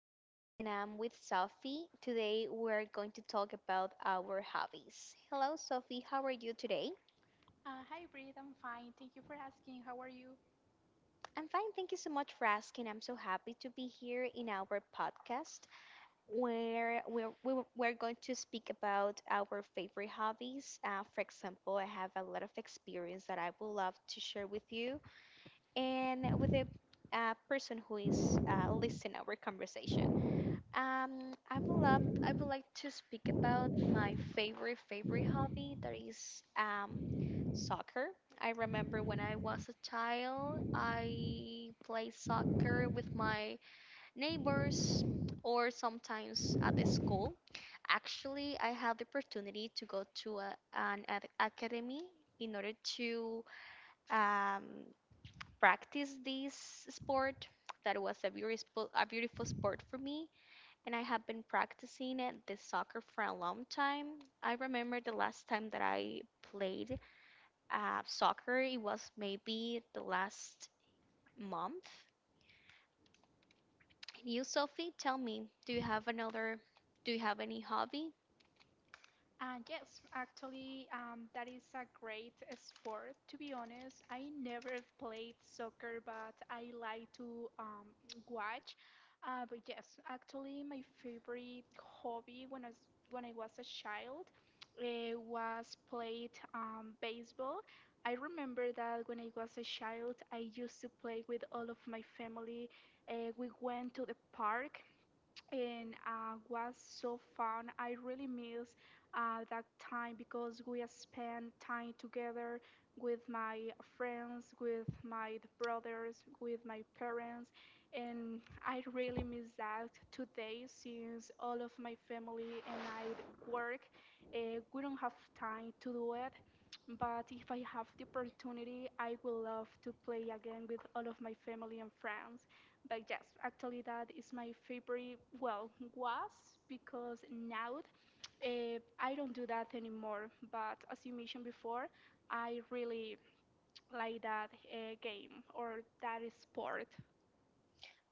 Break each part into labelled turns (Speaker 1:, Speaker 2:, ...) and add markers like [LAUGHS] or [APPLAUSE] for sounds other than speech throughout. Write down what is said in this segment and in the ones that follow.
Speaker 1: is Bree and I'm with Sophie. Today we're going to talk about our hobbies. Hello, Sophie, how are you today? I'm fine, thank you so much for asking. I'm so happy to be here in our podcast where we're going to speak about our favorite hobbies. For example, I have a lot of experience that I would love to share with you and with the person who is listening our conversation. I would like to speak about my favorite hobby that is soccer. I remember when I was a child, I played soccer with my neighbors or sometimes at the school. Actually, I had the opportunity to go to an academy in order to um, practice this sport. That was a beautiful sport for me and I have been practicing it, this soccer for a long time. I remember the last time that I played soccer, it was maybe the last month. And you, Sophie, tell me, do you have any hobby?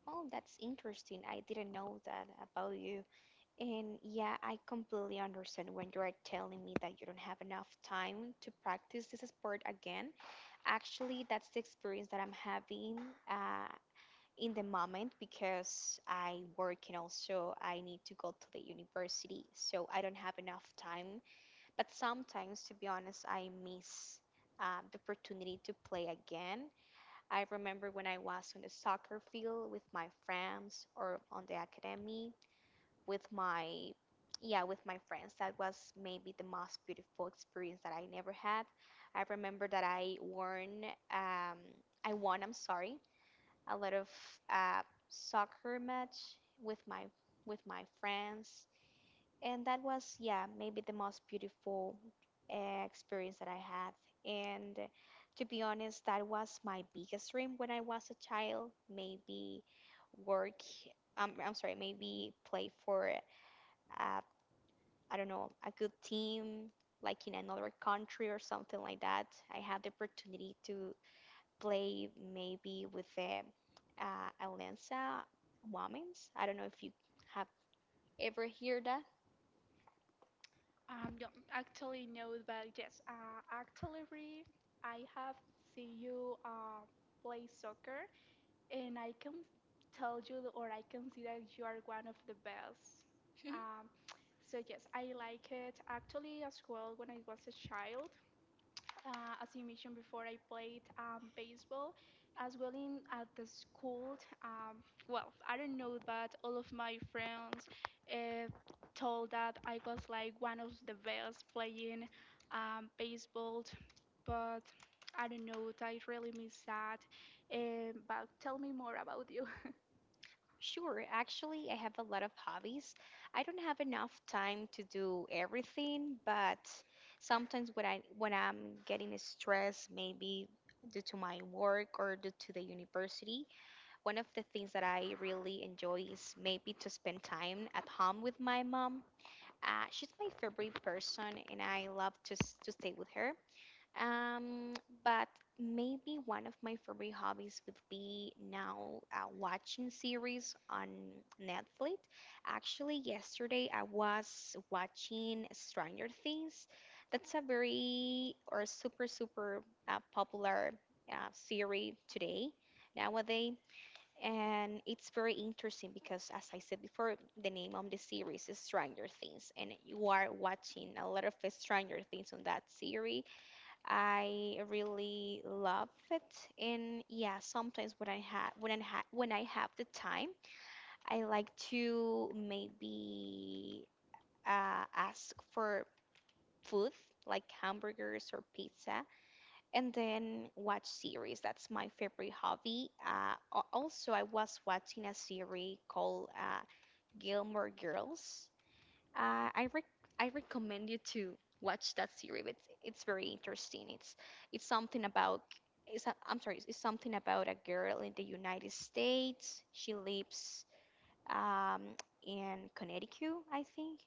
Speaker 1: Oh, that's interesting. I didn't know that about you. And yeah, I completely understand when you are telling me that you don't have enough time to practice this sport again. Actually, that's the experience that I'm having. Uh, in the moment because I work and also I need to go to the university, so I don't have enough time. But sometimes, to be honest, I miss the opportunity to play again. I remember when I was on the soccer field with my friends or on the academy with my friends. That was maybe the most beautiful experience that I never had. I remember that um, I won I'm sorry a lot of uh, soccer match with my friends, and that was maybe the most beautiful experience that I had. And to be honest, that was my biggest dream when I was a child. Maybe work. I'm sorry. Maybe play for uh, I don't know, a good team like in another country or something like that. I had the opportunity to play maybe with the Alianza Women's. I don't know if you have ever heard that. [LAUGHS] Sure, actually, I have a lot of hobbies. I don't have enough time to do everything, but sometimes when I'm getting stressed, maybe due to my work or due to the university, one of the things that I really enjoy is maybe to spend time at home with my mom. She's my favorite person, and I love to stay with her. Um, but maybe one of my favorite hobbies would be now watching series on Netflix. Actually, yesterday I was watching Stranger Things. That's a very or super popular series today nowadays, and it's very interesting because, as I said before, the name of the series is Stranger Things, and you are watching a lot of Stranger Things on that series. I really love it. And yeah, sometimes when I have the time, I like to maybe ask for food like hamburgers or pizza, and then watch series. That's my favorite hobby. Also, I was watching a series called Gilmore Girls. Uh, I rec- I recommend you to watch that series. It's very interesting. It's something about It's a, I'm sorry. It's something about a girl in the United States. She lives um, in Connecticut, I think,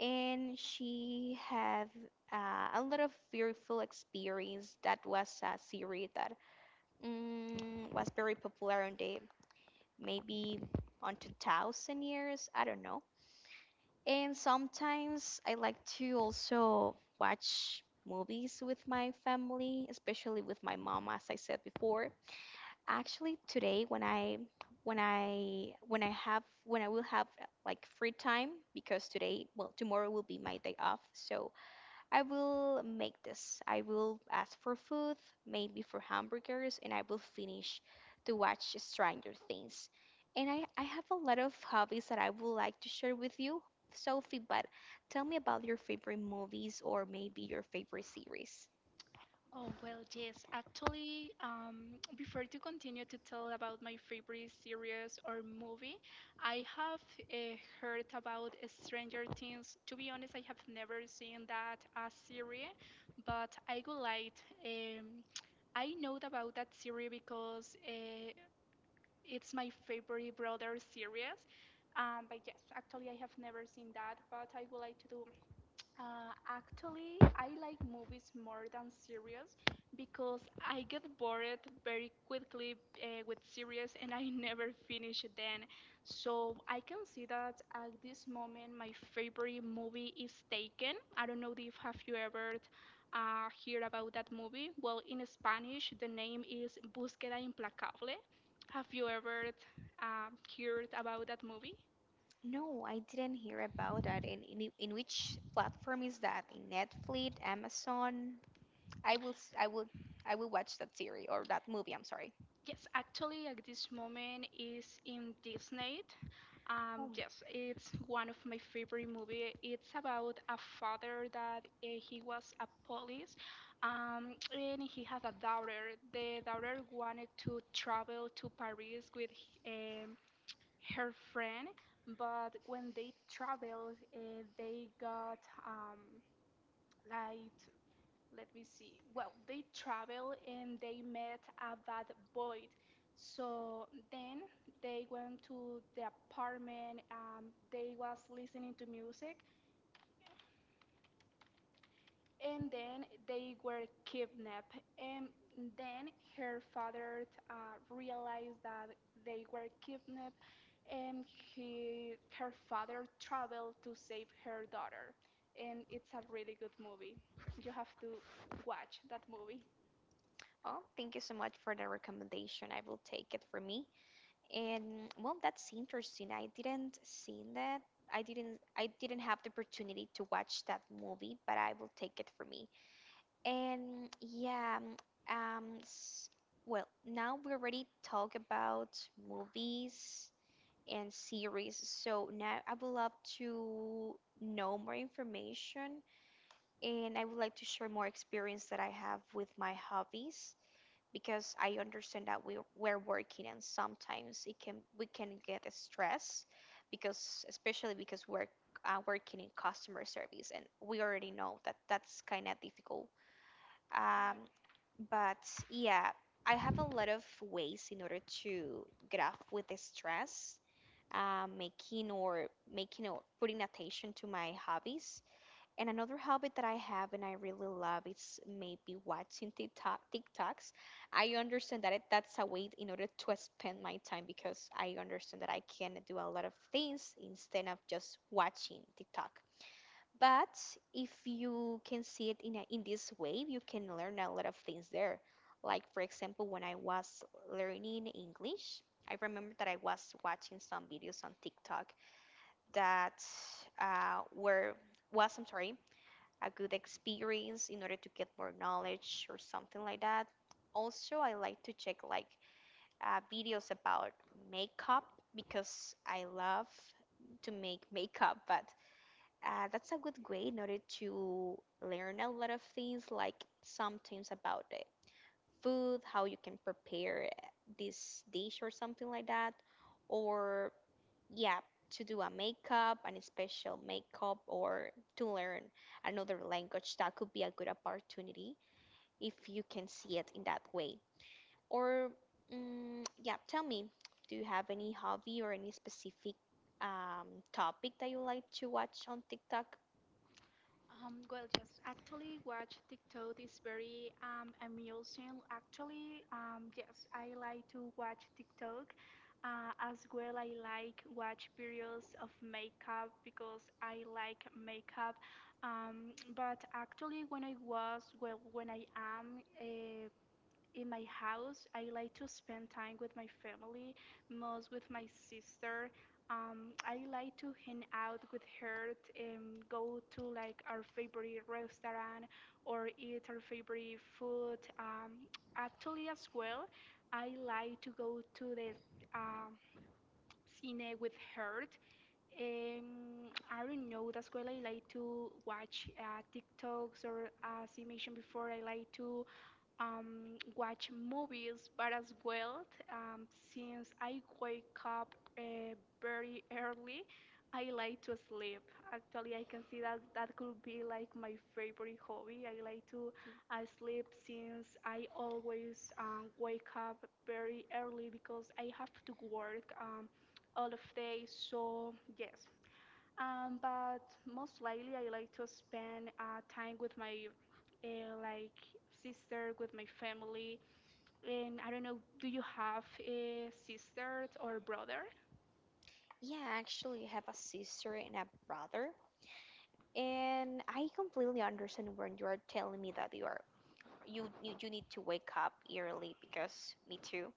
Speaker 1: and she have a lot of fearful experience. That was a series that was very popular in the maybe on 2000 years. I don't know. And sometimes I like to also watch movies with my family, especially with my mom, as I said before. Actually, today when I will have like free time because today, well, tomorrow will be my day off, so I will make this. I will ask for food, maybe for hamburgers, and I will finish to watch Stranger Things. And I have a lot of hobbies that I would like to share with you, Sophie, but tell me about your favorite movies or maybe your favorite series.
Speaker 2: Oh, well, yes. Actually, [TSK] before to continue to tell about my favorite series or movie, I have heard about Stranger Things. To be honest, I have never seen that as series, but I would like, um, [TSK] I know about that series because it's my favorite brother series. But yes, actually, I have never seen that, but I would like to do actually, I like movies more than series because I get bored very quickly with series and I [LAUGHS] never finish it then. So I can see that at this moment my favorite movie is Taken. I don't know if have you ever heard about that movie. Well, in Spanish, the name is Búsqueda Implacable. Have you ever uh, heard about that movie?
Speaker 1: No, I didn't hear about that. And in which platform is that? In Netflix, Amazon? I will s- I will watch that series or that movie, I'm sorry.
Speaker 2: Yes, actually, at this moment is in Disney.
Speaker 1: Oh
Speaker 2: Yes, it's one of my favorite movie. It's about a father that he was a police, and he has a daughter. The daughter wanted to travel to Paris with um, her friend, but when they traveled, they got um, like let me see. Well, they travel and they met a bad boy. So then they went to the apartment. They was listening to music, and then they were kidnapped. And then her father realized that they were kidnapped, and he, her father traveled to save her daughter. And it's a really good movie. You have to watch that movie.
Speaker 1: Oh, thank you so much for the recommendation. I will take it for me. And well, that's interesting. I didn't seen that. I didn't have the opportunity to watch that movie, but I will take it for me. And yeah, um s- well, now we already talk about movies and series. So now I would love to know more information and I would like to share more experience that I have with my hobbies because I understand that we're working and sometimes it can we can get stressed because especially because we're working in customer service and we already know that that's kind of difficult. Um, but yeah, I have a lot of ways in order to get off with the stress. Uh, making or making or putting attention to my hobbies. And another hobby that I have and I really love is maybe watching TikToks. I understand that's a way in order to spend my time because I understand that I can do a lot of things instead of just watching TikTok. But if you can see it a, in this way, you can learn a lot of things there. Like, for example, when I was learning English, I remember that I was watching some videos on TikTok that were was I'm sorry a good experience in order to get more knowledge or something like that. Also, I like to check like videos about makeup because I love to make [LAUGHS] makeup, but that's a good way in order to learn a lot of things, like sometimes about the food, how you can prepare this dish or something like that, or yeah, to do a makeup, and a special makeup, or to learn another language. That could be a good opportunity if you can see it in that way. Or, yeah, tell me, do you have any hobby or any specific um, topic that you like to watch on TikTok?
Speaker 2: Well, yes, actually, watch TikTok is very amusing. Actually, yes, I like to watch TikTok. As well, I like watch videos of makeup because I like makeup. But actually, when I was, well, when I am, in my house, I like to spend time with my family, most with my sister. I like to hang out with her and go to like our favorite restaurant or eat our favorite food. Actually, as well, I like to go to the um, cine with her. I don't know. That's why I like to watch TikToks or, as you mentioned before, I like to watch movies, but as well, um, since I wake up very early, I like to sleep. Actually, I can see that that could be like my favorite hobby. I like to sleep since I always wake up very early because I have to work all of day. So yes, but most likely, I like to spend time with my like sister, with my family. And I don't know, do you have a sister or brother?
Speaker 1: Yeah, I actually have a sister and a brother, and I completely understand when you are telling me that you are you you, you need to wake up early because me too.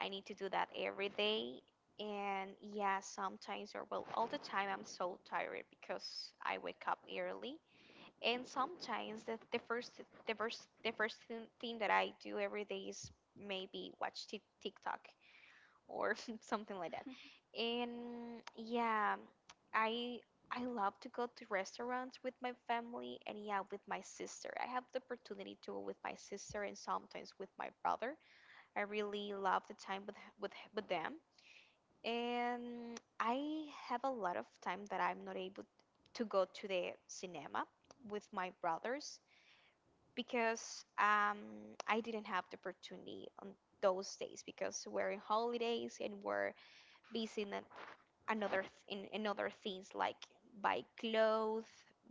Speaker 1: I need to do that every day. And yeah, sometimes, or well, all the time, I'm so tired because I wake up early. And sometimes the first thing that I do every day is maybe watch TikTok or [LAUGHS] something like that. And yeah, I I love to go to restaurants with my family and yeah, with my sister. I have the opportunity to go with my sister and sometimes with my brother. I really love the time with them, and I have a lot of time that I'm not able to go to the cinema with my brothers because I didn't have the opportunity on those days because we're in holidays and we're busy in an- another th- in other things like buy clothes,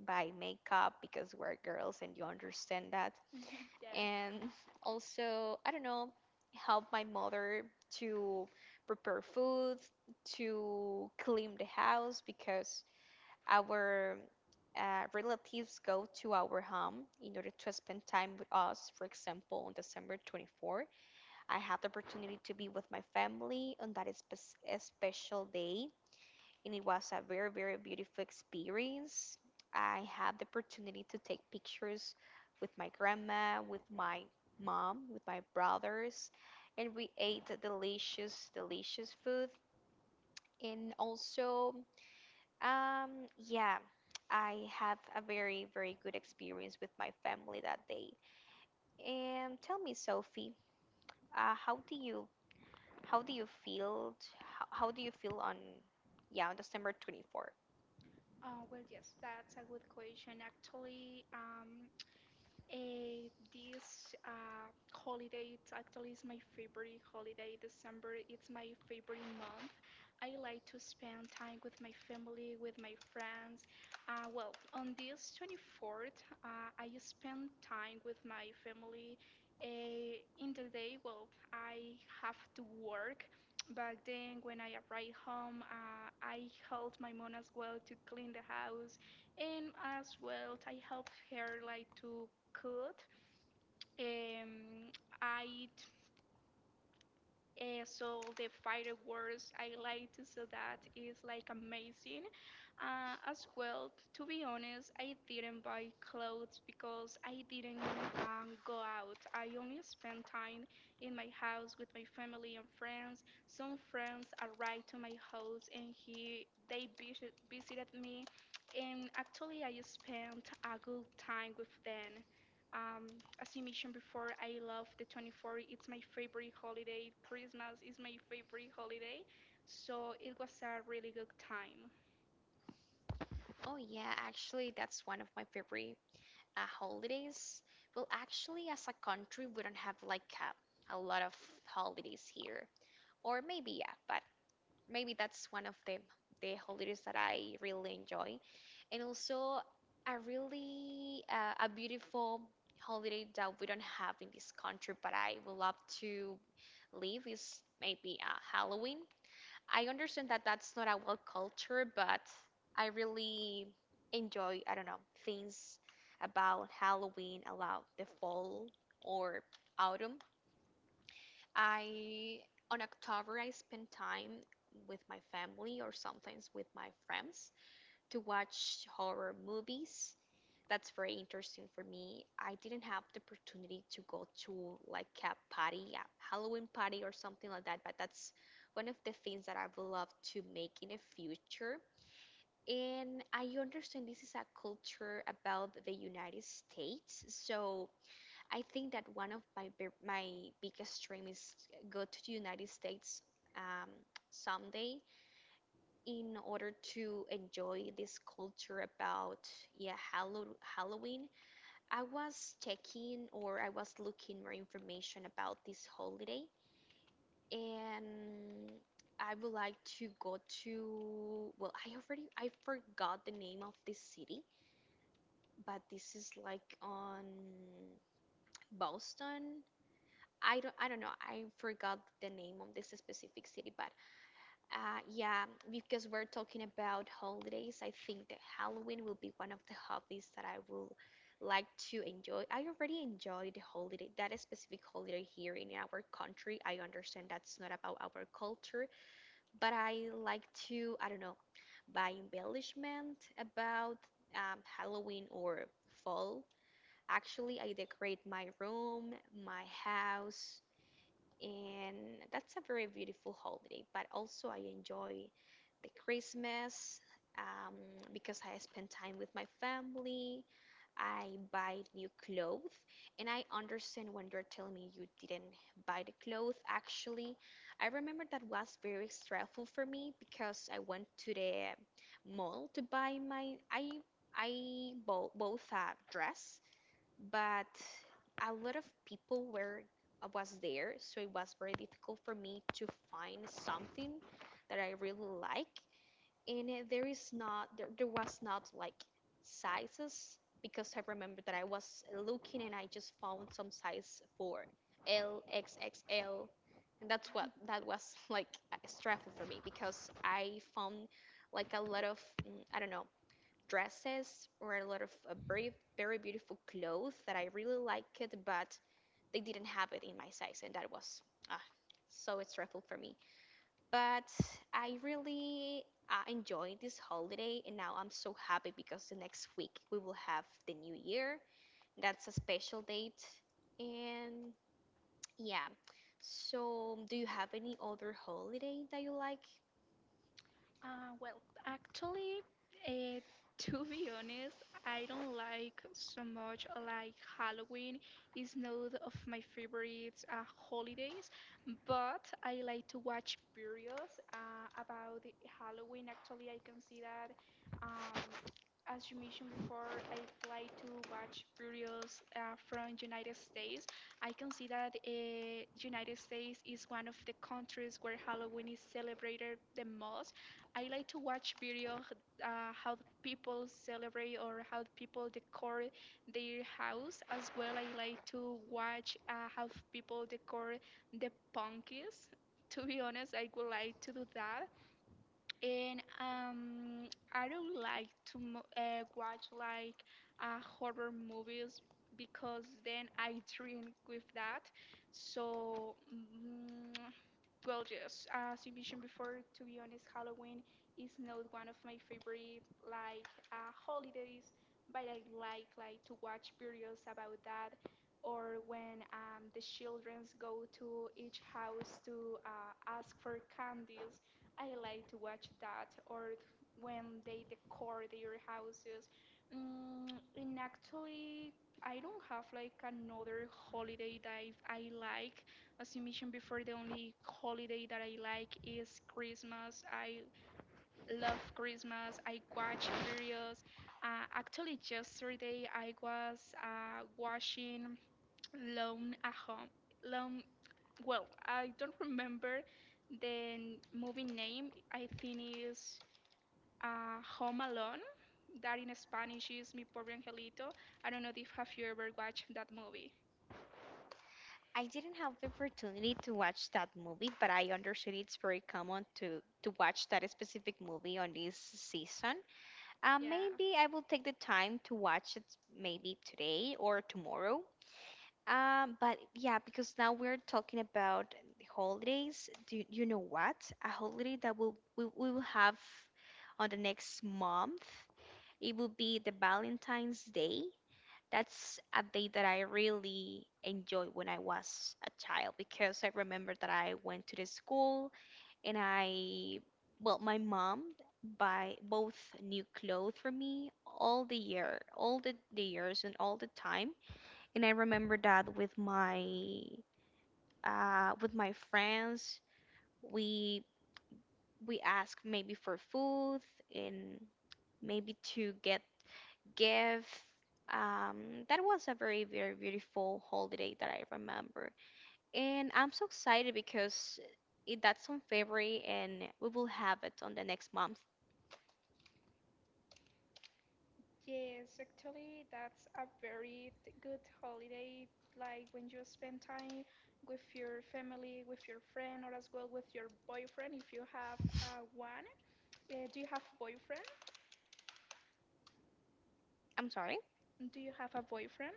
Speaker 1: buy makeup because we're girls and you understand that
Speaker 2: Yeah.
Speaker 1: and also I don't know, help my mother to prepare food, to clean the house because our relatives go to our home in order to spend time with us. For example, on December 24, I had the opportunity to be with my family on that special day and it was a very, very beautiful experience. I had the opportunity to take pictures with my grandma, with my mom, with my brothers, and we ate delicious food. And also, yeah, I have a very, very good experience with my family that day. And tell me, Sophie, uh, how do you how do you feel? How do you feel on yeah on December 24th?
Speaker 2: Well, yes, that's a good question. Actually, this holiday, it's actually is my favorite holiday. December, it's my favorite month. I like to spend time with my family, with my friends. Well, on this 24th, I spend time with my family. In the day, well, I have to work. Back then, when I arrived home, I helped my mom as well to clean the house, and as well, I helped her like to could. Um, I saw the fireworks. I like to see that. It's like amazing. As well, to be honest, I didn't buy clothes because I didn't go out. I only spent time in my house with my family and friends. Some friends arrived to my house and he they visit, visited me and actually I spent a good time with them. As you mentioned before, I love the 24th. It's my favorite holiday. Christmas is my favorite holiday. So it was a really good time.
Speaker 1: Oh yeah, actually that's one of my favorite holidays. Well, actually as a country we don't have like a lot of holidays here. Or maybe yeah, but maybe that's one of the holidays that I really enjoy. And also a really a beautiful holiday that we don't have in this country but I would love to live is maybe Halloween. I understand that that's not a well culture, but I really enjoy, I don't know, things about Halloween, about the fall or autumn. I, on October, I spend time with my family or sometimes with my friends to watch horror movies. That's very interesting for me. I didn't have the opportunity to go to like a party, a Halloween party or something like that, but that's one of the things that I would love to make in the future. And I understand this is a culture about the United States, so I think that one of my my biggest dream is go to the United States um, someday in order to enjoy this culture about yeah Halloween. I was checking or I was looking more information about this holiday, and I would like to go to, well, I already, I forgot the name of this city, but this is like on Boston. I don't know. I forgot the name of this specific city, but yeah, because we're talking about holidays, I think that Halloween will be one of the hobbies that I will like to enjoy. I already enjoy the holiday, that specific holiday here in our country. I understand that's not about our culture, but I like to, I don't know, buy embellishment about Halloween or fall. Actually, I decorate my room, my house, and that's a very beautiful holiday. But also, I enjoy the Christmas um, because I spend time with my family. I buy new clothes, and I understand when they are telling me you didn't buy the clothes. Actually, I remember that was very stressful for me because I went to the mall to buy my I bought both a dress, but a lot of people were was there, so it was very difficult for me to find something that I really like. And there was not like sizes, because I remember that I was looking and I just found some size for L, XXL, and that was [LAUGHS] like stressful for me because I found like a lot of I don't know, dresses or a lot of very very beautiful clothes that I really liked, it, but they didn't have it in my size, and that was ah, so stressful for me. But I really enjoyed this holiday, and now I'm so happy because the next week we will have the new year. That's a special date, and yeah. So, do you have any other holiday that you like?
Speaker 2: Well, actually, uh, to be honest, I don't like so much like Halloween is not of my favorite holidays, but I like to watch videos about the Halloween. Actually, I can see that. Um, as you mentioned before, I like to watch videos from United States. I can see that United States is one of the countries where Halloween is celebrated the most. I like to watch how the people celebrate or how the people decor their house. As well, I like to watch how people decor the punkies. To be honest, I would like to do that. And I don't like to watch like horror movies because then I drink with that. So. Well, yes, as you mentioned before, to be honest, Halloween is not one of my favorite like holidays, but I like to watch videos about that, or when the childrens go to each house to ask for candies. I like to watch that, or when they decor their houses. Mm, and actually, I don't have like another holiday that I like. As you mentioned before, the only holiday that I like is Christmas. I love Christmas. I watch videos. Actually, yesterday I was watching Lone at Home. Lone, well, I don't remember the movie name. I think is Home Alone. That in Spanish is Mi Pobre Angelito. I don't know if have you ever watched that movie.
Speaker 1: I didn't have the opportunity to watch that movie, but I understood it's very common to watch that specific movie on this season.
Speaker 2: Yeah.
Speaker 1: Maybe I will take the time to watch it maybe today or tomorrow. But yeah, because now we're talking about the holidays. Do you know what? A holiday that we will have on the next month. It will be the Valentine's Day. That's a day that I really enjoyed when I was a child because I remember that I went to the school and I, well, my mom buy both new clothes for me all the year, all the years and all the time. And I remember that with my friends, we we ask maybe for food and maybe to get give um that was a very very beautiful holiday that I remember, and I'm so excited because that's on February and we will have it on the next month.
Speaker 2: Yes, actually, that's a very good holiday. Like when you spend time with your family, with your friend, or as well with your boyfriend, if you have one. Do you have boyfriend?
Speaker 1: I'm sorry,
Speaker 2: Do you have a boyfriend?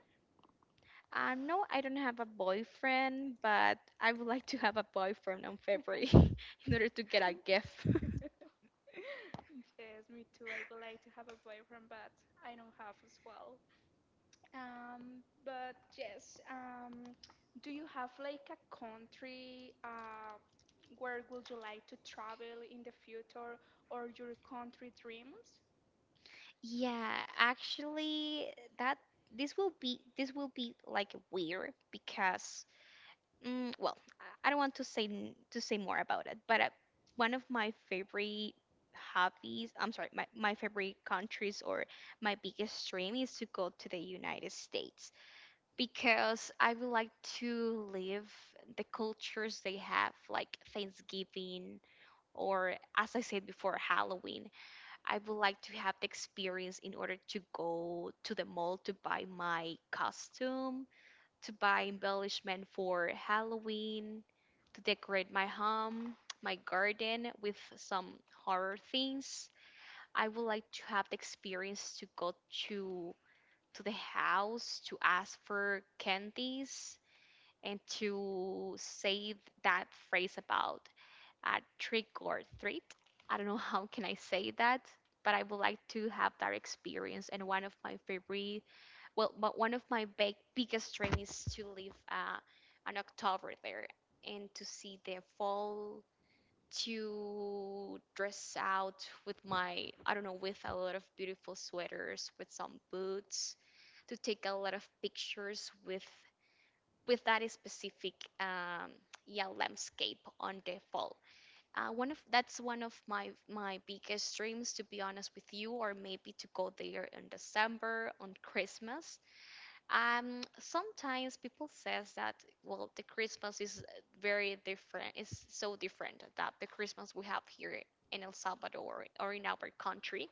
Speaker 1: no, I don't have a boyfriend, but I would like to have a boyfriend on February [LAUGHS] in order to get a gift
Speaker 2: [LAUGHS] Yes, me too. I would like to have a boyfriend, but I don't have as well. But yes, do you have like a country? Where would you like to travel in the future or your country dreams?
Speaker 1: [LAUGHS] yeah, actually that this will be like weird because well, I don't want to say to say more about it, but one of my favorite hobbies, I'm sorry, my favorite countries or my biggest dream is to go to the United States because I would like to live the cultures they have, like Thanksgiving or, as I said before, Halloween. I would like to have the experience in order to go to the mall to buy my costume, to buy embellishment for Halloween, to decorate my home, my garden with some horror things. I would like to have the experience to go to to the house to ask for candies and to say that phrase about at trick or treat. I don't know [LAUGHS] how can I say that, but I would like to have that experience. And one of my favorite, well, but one of my biggest dreams is to live on October there and to see the fall, to dress out with my, I don't know, with a lot of beautiful sweaters, with some boots, to take a lot of pictures with that specific um, yeah landscape on the fall. Uh, one of that's one of my biggest dreams, to be honest with you. Or maybe to go there in December on Christmas. Sometimes people says that, well, the Christmas is very different, is so different that the Christmas we have here in El Salvador or in our country,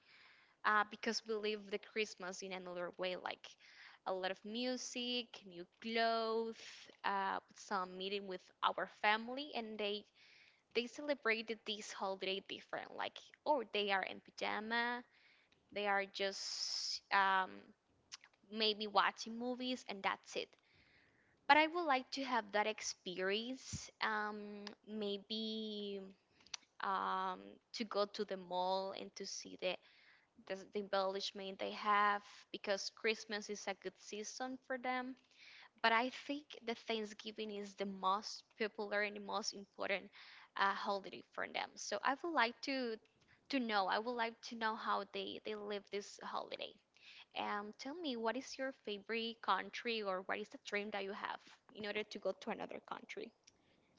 Speaker 1: because we live the Christmas in another way, like a lot of music, new clothes, some meeting with our family, and they celebrated this holiday different, like, or they are in pajama, they are just maybe watching movies and that's it. But I would like to have that experience. Um, maybe um, to go to the mall and to see the embellishment they have, because Christmas is a good season for them. But I think the Thanksgiving is the most popular and the most important holiday for them. So I would like to know. I would like to know how they live this holiday. Tell me, what is your favorite country, or what is the dream that you have in order to go to another country?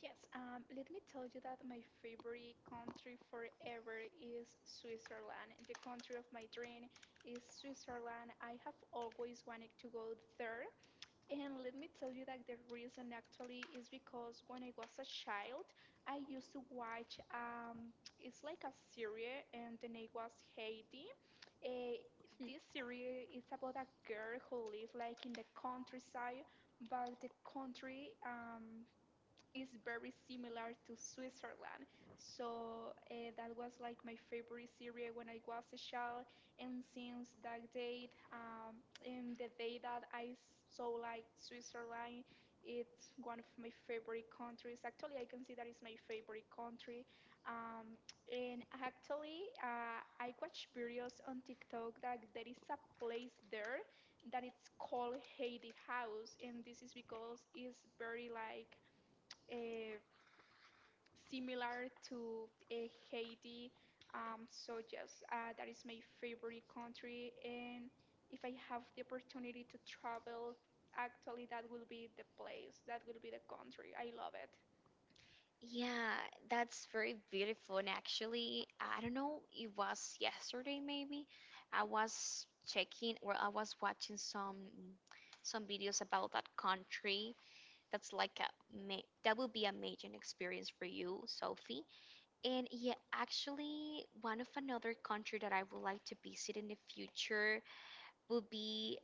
Speaker 2: Yes, let me tell you that my favorite country forever is Switzerland. The country of my dream is Switzerland. I have always wanted to go there. And let me tell you that the reason actually is because when I was a child, I used to watch it's like a series, and the name was Heidi. Uh,
Speaker 1: Hmm.
Speaker 2: this series is about a girl who lives like in the countryside, but the country is very similar to Switzerland. So that was like my favorite series when I was a child. And since that date, and the day that saw like Switzerland, it's one of my favorite countries. Actually, I can say that it's my favorite country. Um, and actually, I watch videos on TikTok that there is a place there that it's called Heidi House, and this is because it's very like uh, similar to Haiti. So yes, that is my favorite country, and if I have the opportunity to travel, actually that will be the place, that will be the country. I love it.
Speaker 1: Yeah, that's very beautiful. And actually, I don't know, it was yesterday maybe. I was checking, or I was watching some videos about that country. That's like that will be a major experience for you, Sophie. And yeah, actually, one of another country that I would like to visit in the future would be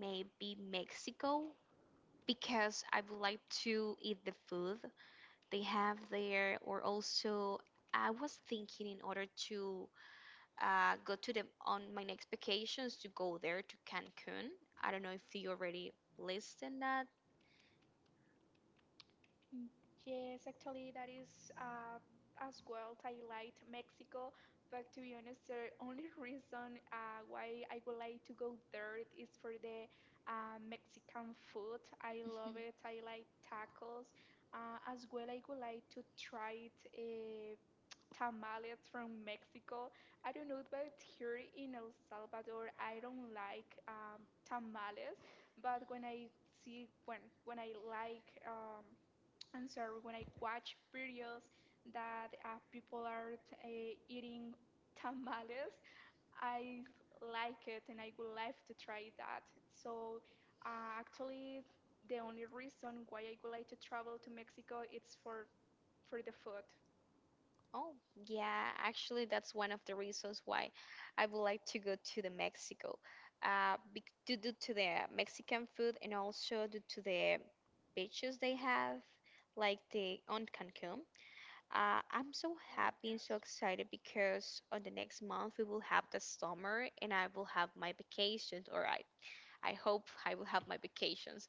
Speaker 1: maybe Mexico, because I would like to eat the food they have there, or also I was thinking in order to go to them on my next vacations, to go there to Cancun. I don't know if you already listed that.
Speaker 2: Mm, Yes, actually, that is as well I highlight Mexico. But to be honest, the only [LAUGHS] reason why I would like to go there is for the Mexican food. I love it. I like tacos. As well, I would like to try it, tamales from Mexico. I don't know, but here in El Salvador, I don't like tamales. But when I see when I like I'm sorry, when I watch videos that people are eating [LAUGHS] tamales. I like it and I would like to try that. So, actually, the only reason why I would like to travel to Mexico it's for the food.
Speaker 1: Oh, yeah, actually, that's one of the reasons why I would like to go to the Mexico, due to the Mexican food, and also due to the beaches they have, like the on Cancun. I'm so happy and so excited because on the next month we will have the summer and I will have my vacations, or I hope I will have my vacations.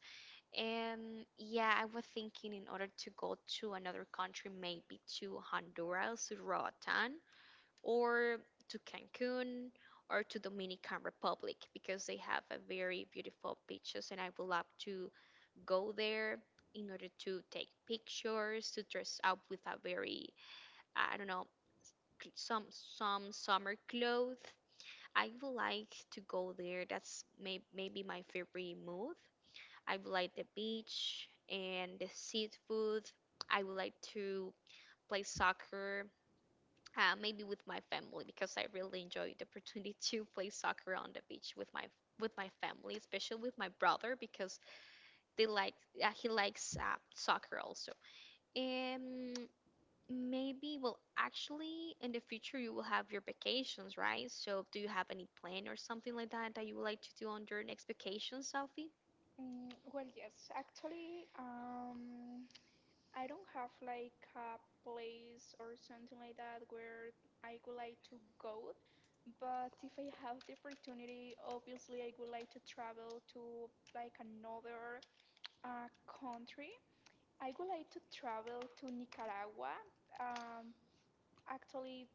Speaker 1: And yeah, I was thinking in order to go to another country, maybe to Honduras, to Roatan, or to Cancun, or to Dominican Republic, because they have a very beautiful beaches and I would love to go there in order to take pictures, to dress up with a very I don't know some summer clothes. I would like to go there. That's maybe my favorite move. I would like the beach and the seafood. I would like to play soccer, maybe with my family because I really enjoy the opportunity [LAUGHS] to play soccer on the beach with my family, especially with my brother because they like he likes soccer also. Um, well, actually, in the future you will have your vacations, right? So, do you have any plan or something like that that you would like to do on your next vacation, Sophie?
Speaker 2: Well, yes, actually, I don't have like a place or something like that where I would like to go, but if I have the opportunity, obviously I would like to travel to like another country. I would like to travel to Nicaragua. Um, Actually,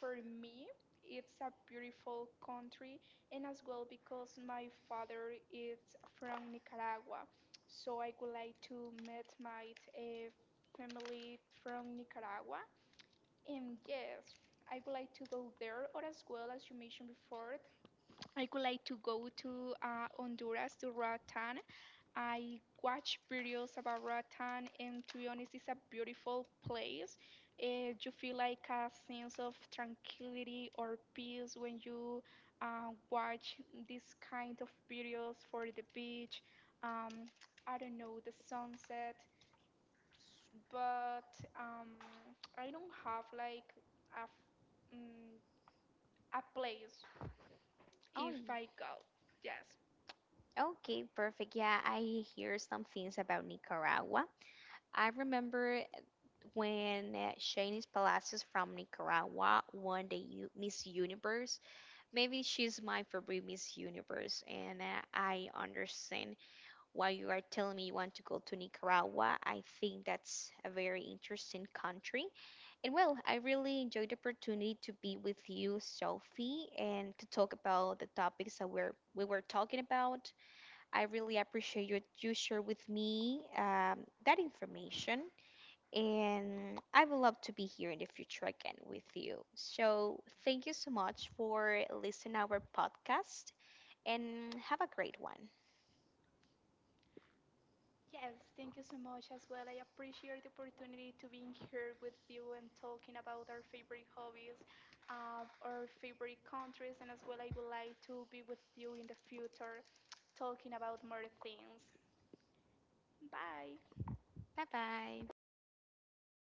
Speaker 2: for me, it's a beautiful country, and as well because my father is from Nicaragua, so I would like to meet my family from Nicaragua. And yes, I would like to go there, or as well as you mentioned before, I would like to go to Honduras, to Roatán, I watch videos about Ratan, and to be honest, it's a beautiful place. You feel like a sense of tranquility or peace when you watch this kind of videos for the beach. Um, I don't know, the sunset. But um, I don't have like a, a place
Speaker 1: Oh,
Speaker 2: if
Speaker 1: yeah,
Speaker 2: I go. Yes.
Speaker 1: okay, perfect. Yeah, I hear some things about Nicaragua. I remember when Shanice Palacios from Nicaragua won the U Miss Universe. Maybe she's my favorite Miss Universe, and I understand. While you are telling me you want to go to Nicaragua, I think that's a very interesting country. And well, I really enjoyed the opportunity to be with you, Sophie, and to talk about the topics that we were talking about. I really appreciate you share with me that information, and I would love to be here in the future again with you. So thank you so much for listening our podcast, and have a great one.
Speaker 2: Yes, thank you so much as well. I appreciate the opportunity to being here with you and talking about our favorite hobbies, our favorite countries, and as well I would like to be with you in the future talking about more things. Bye.
Speaker 1: Bye bye.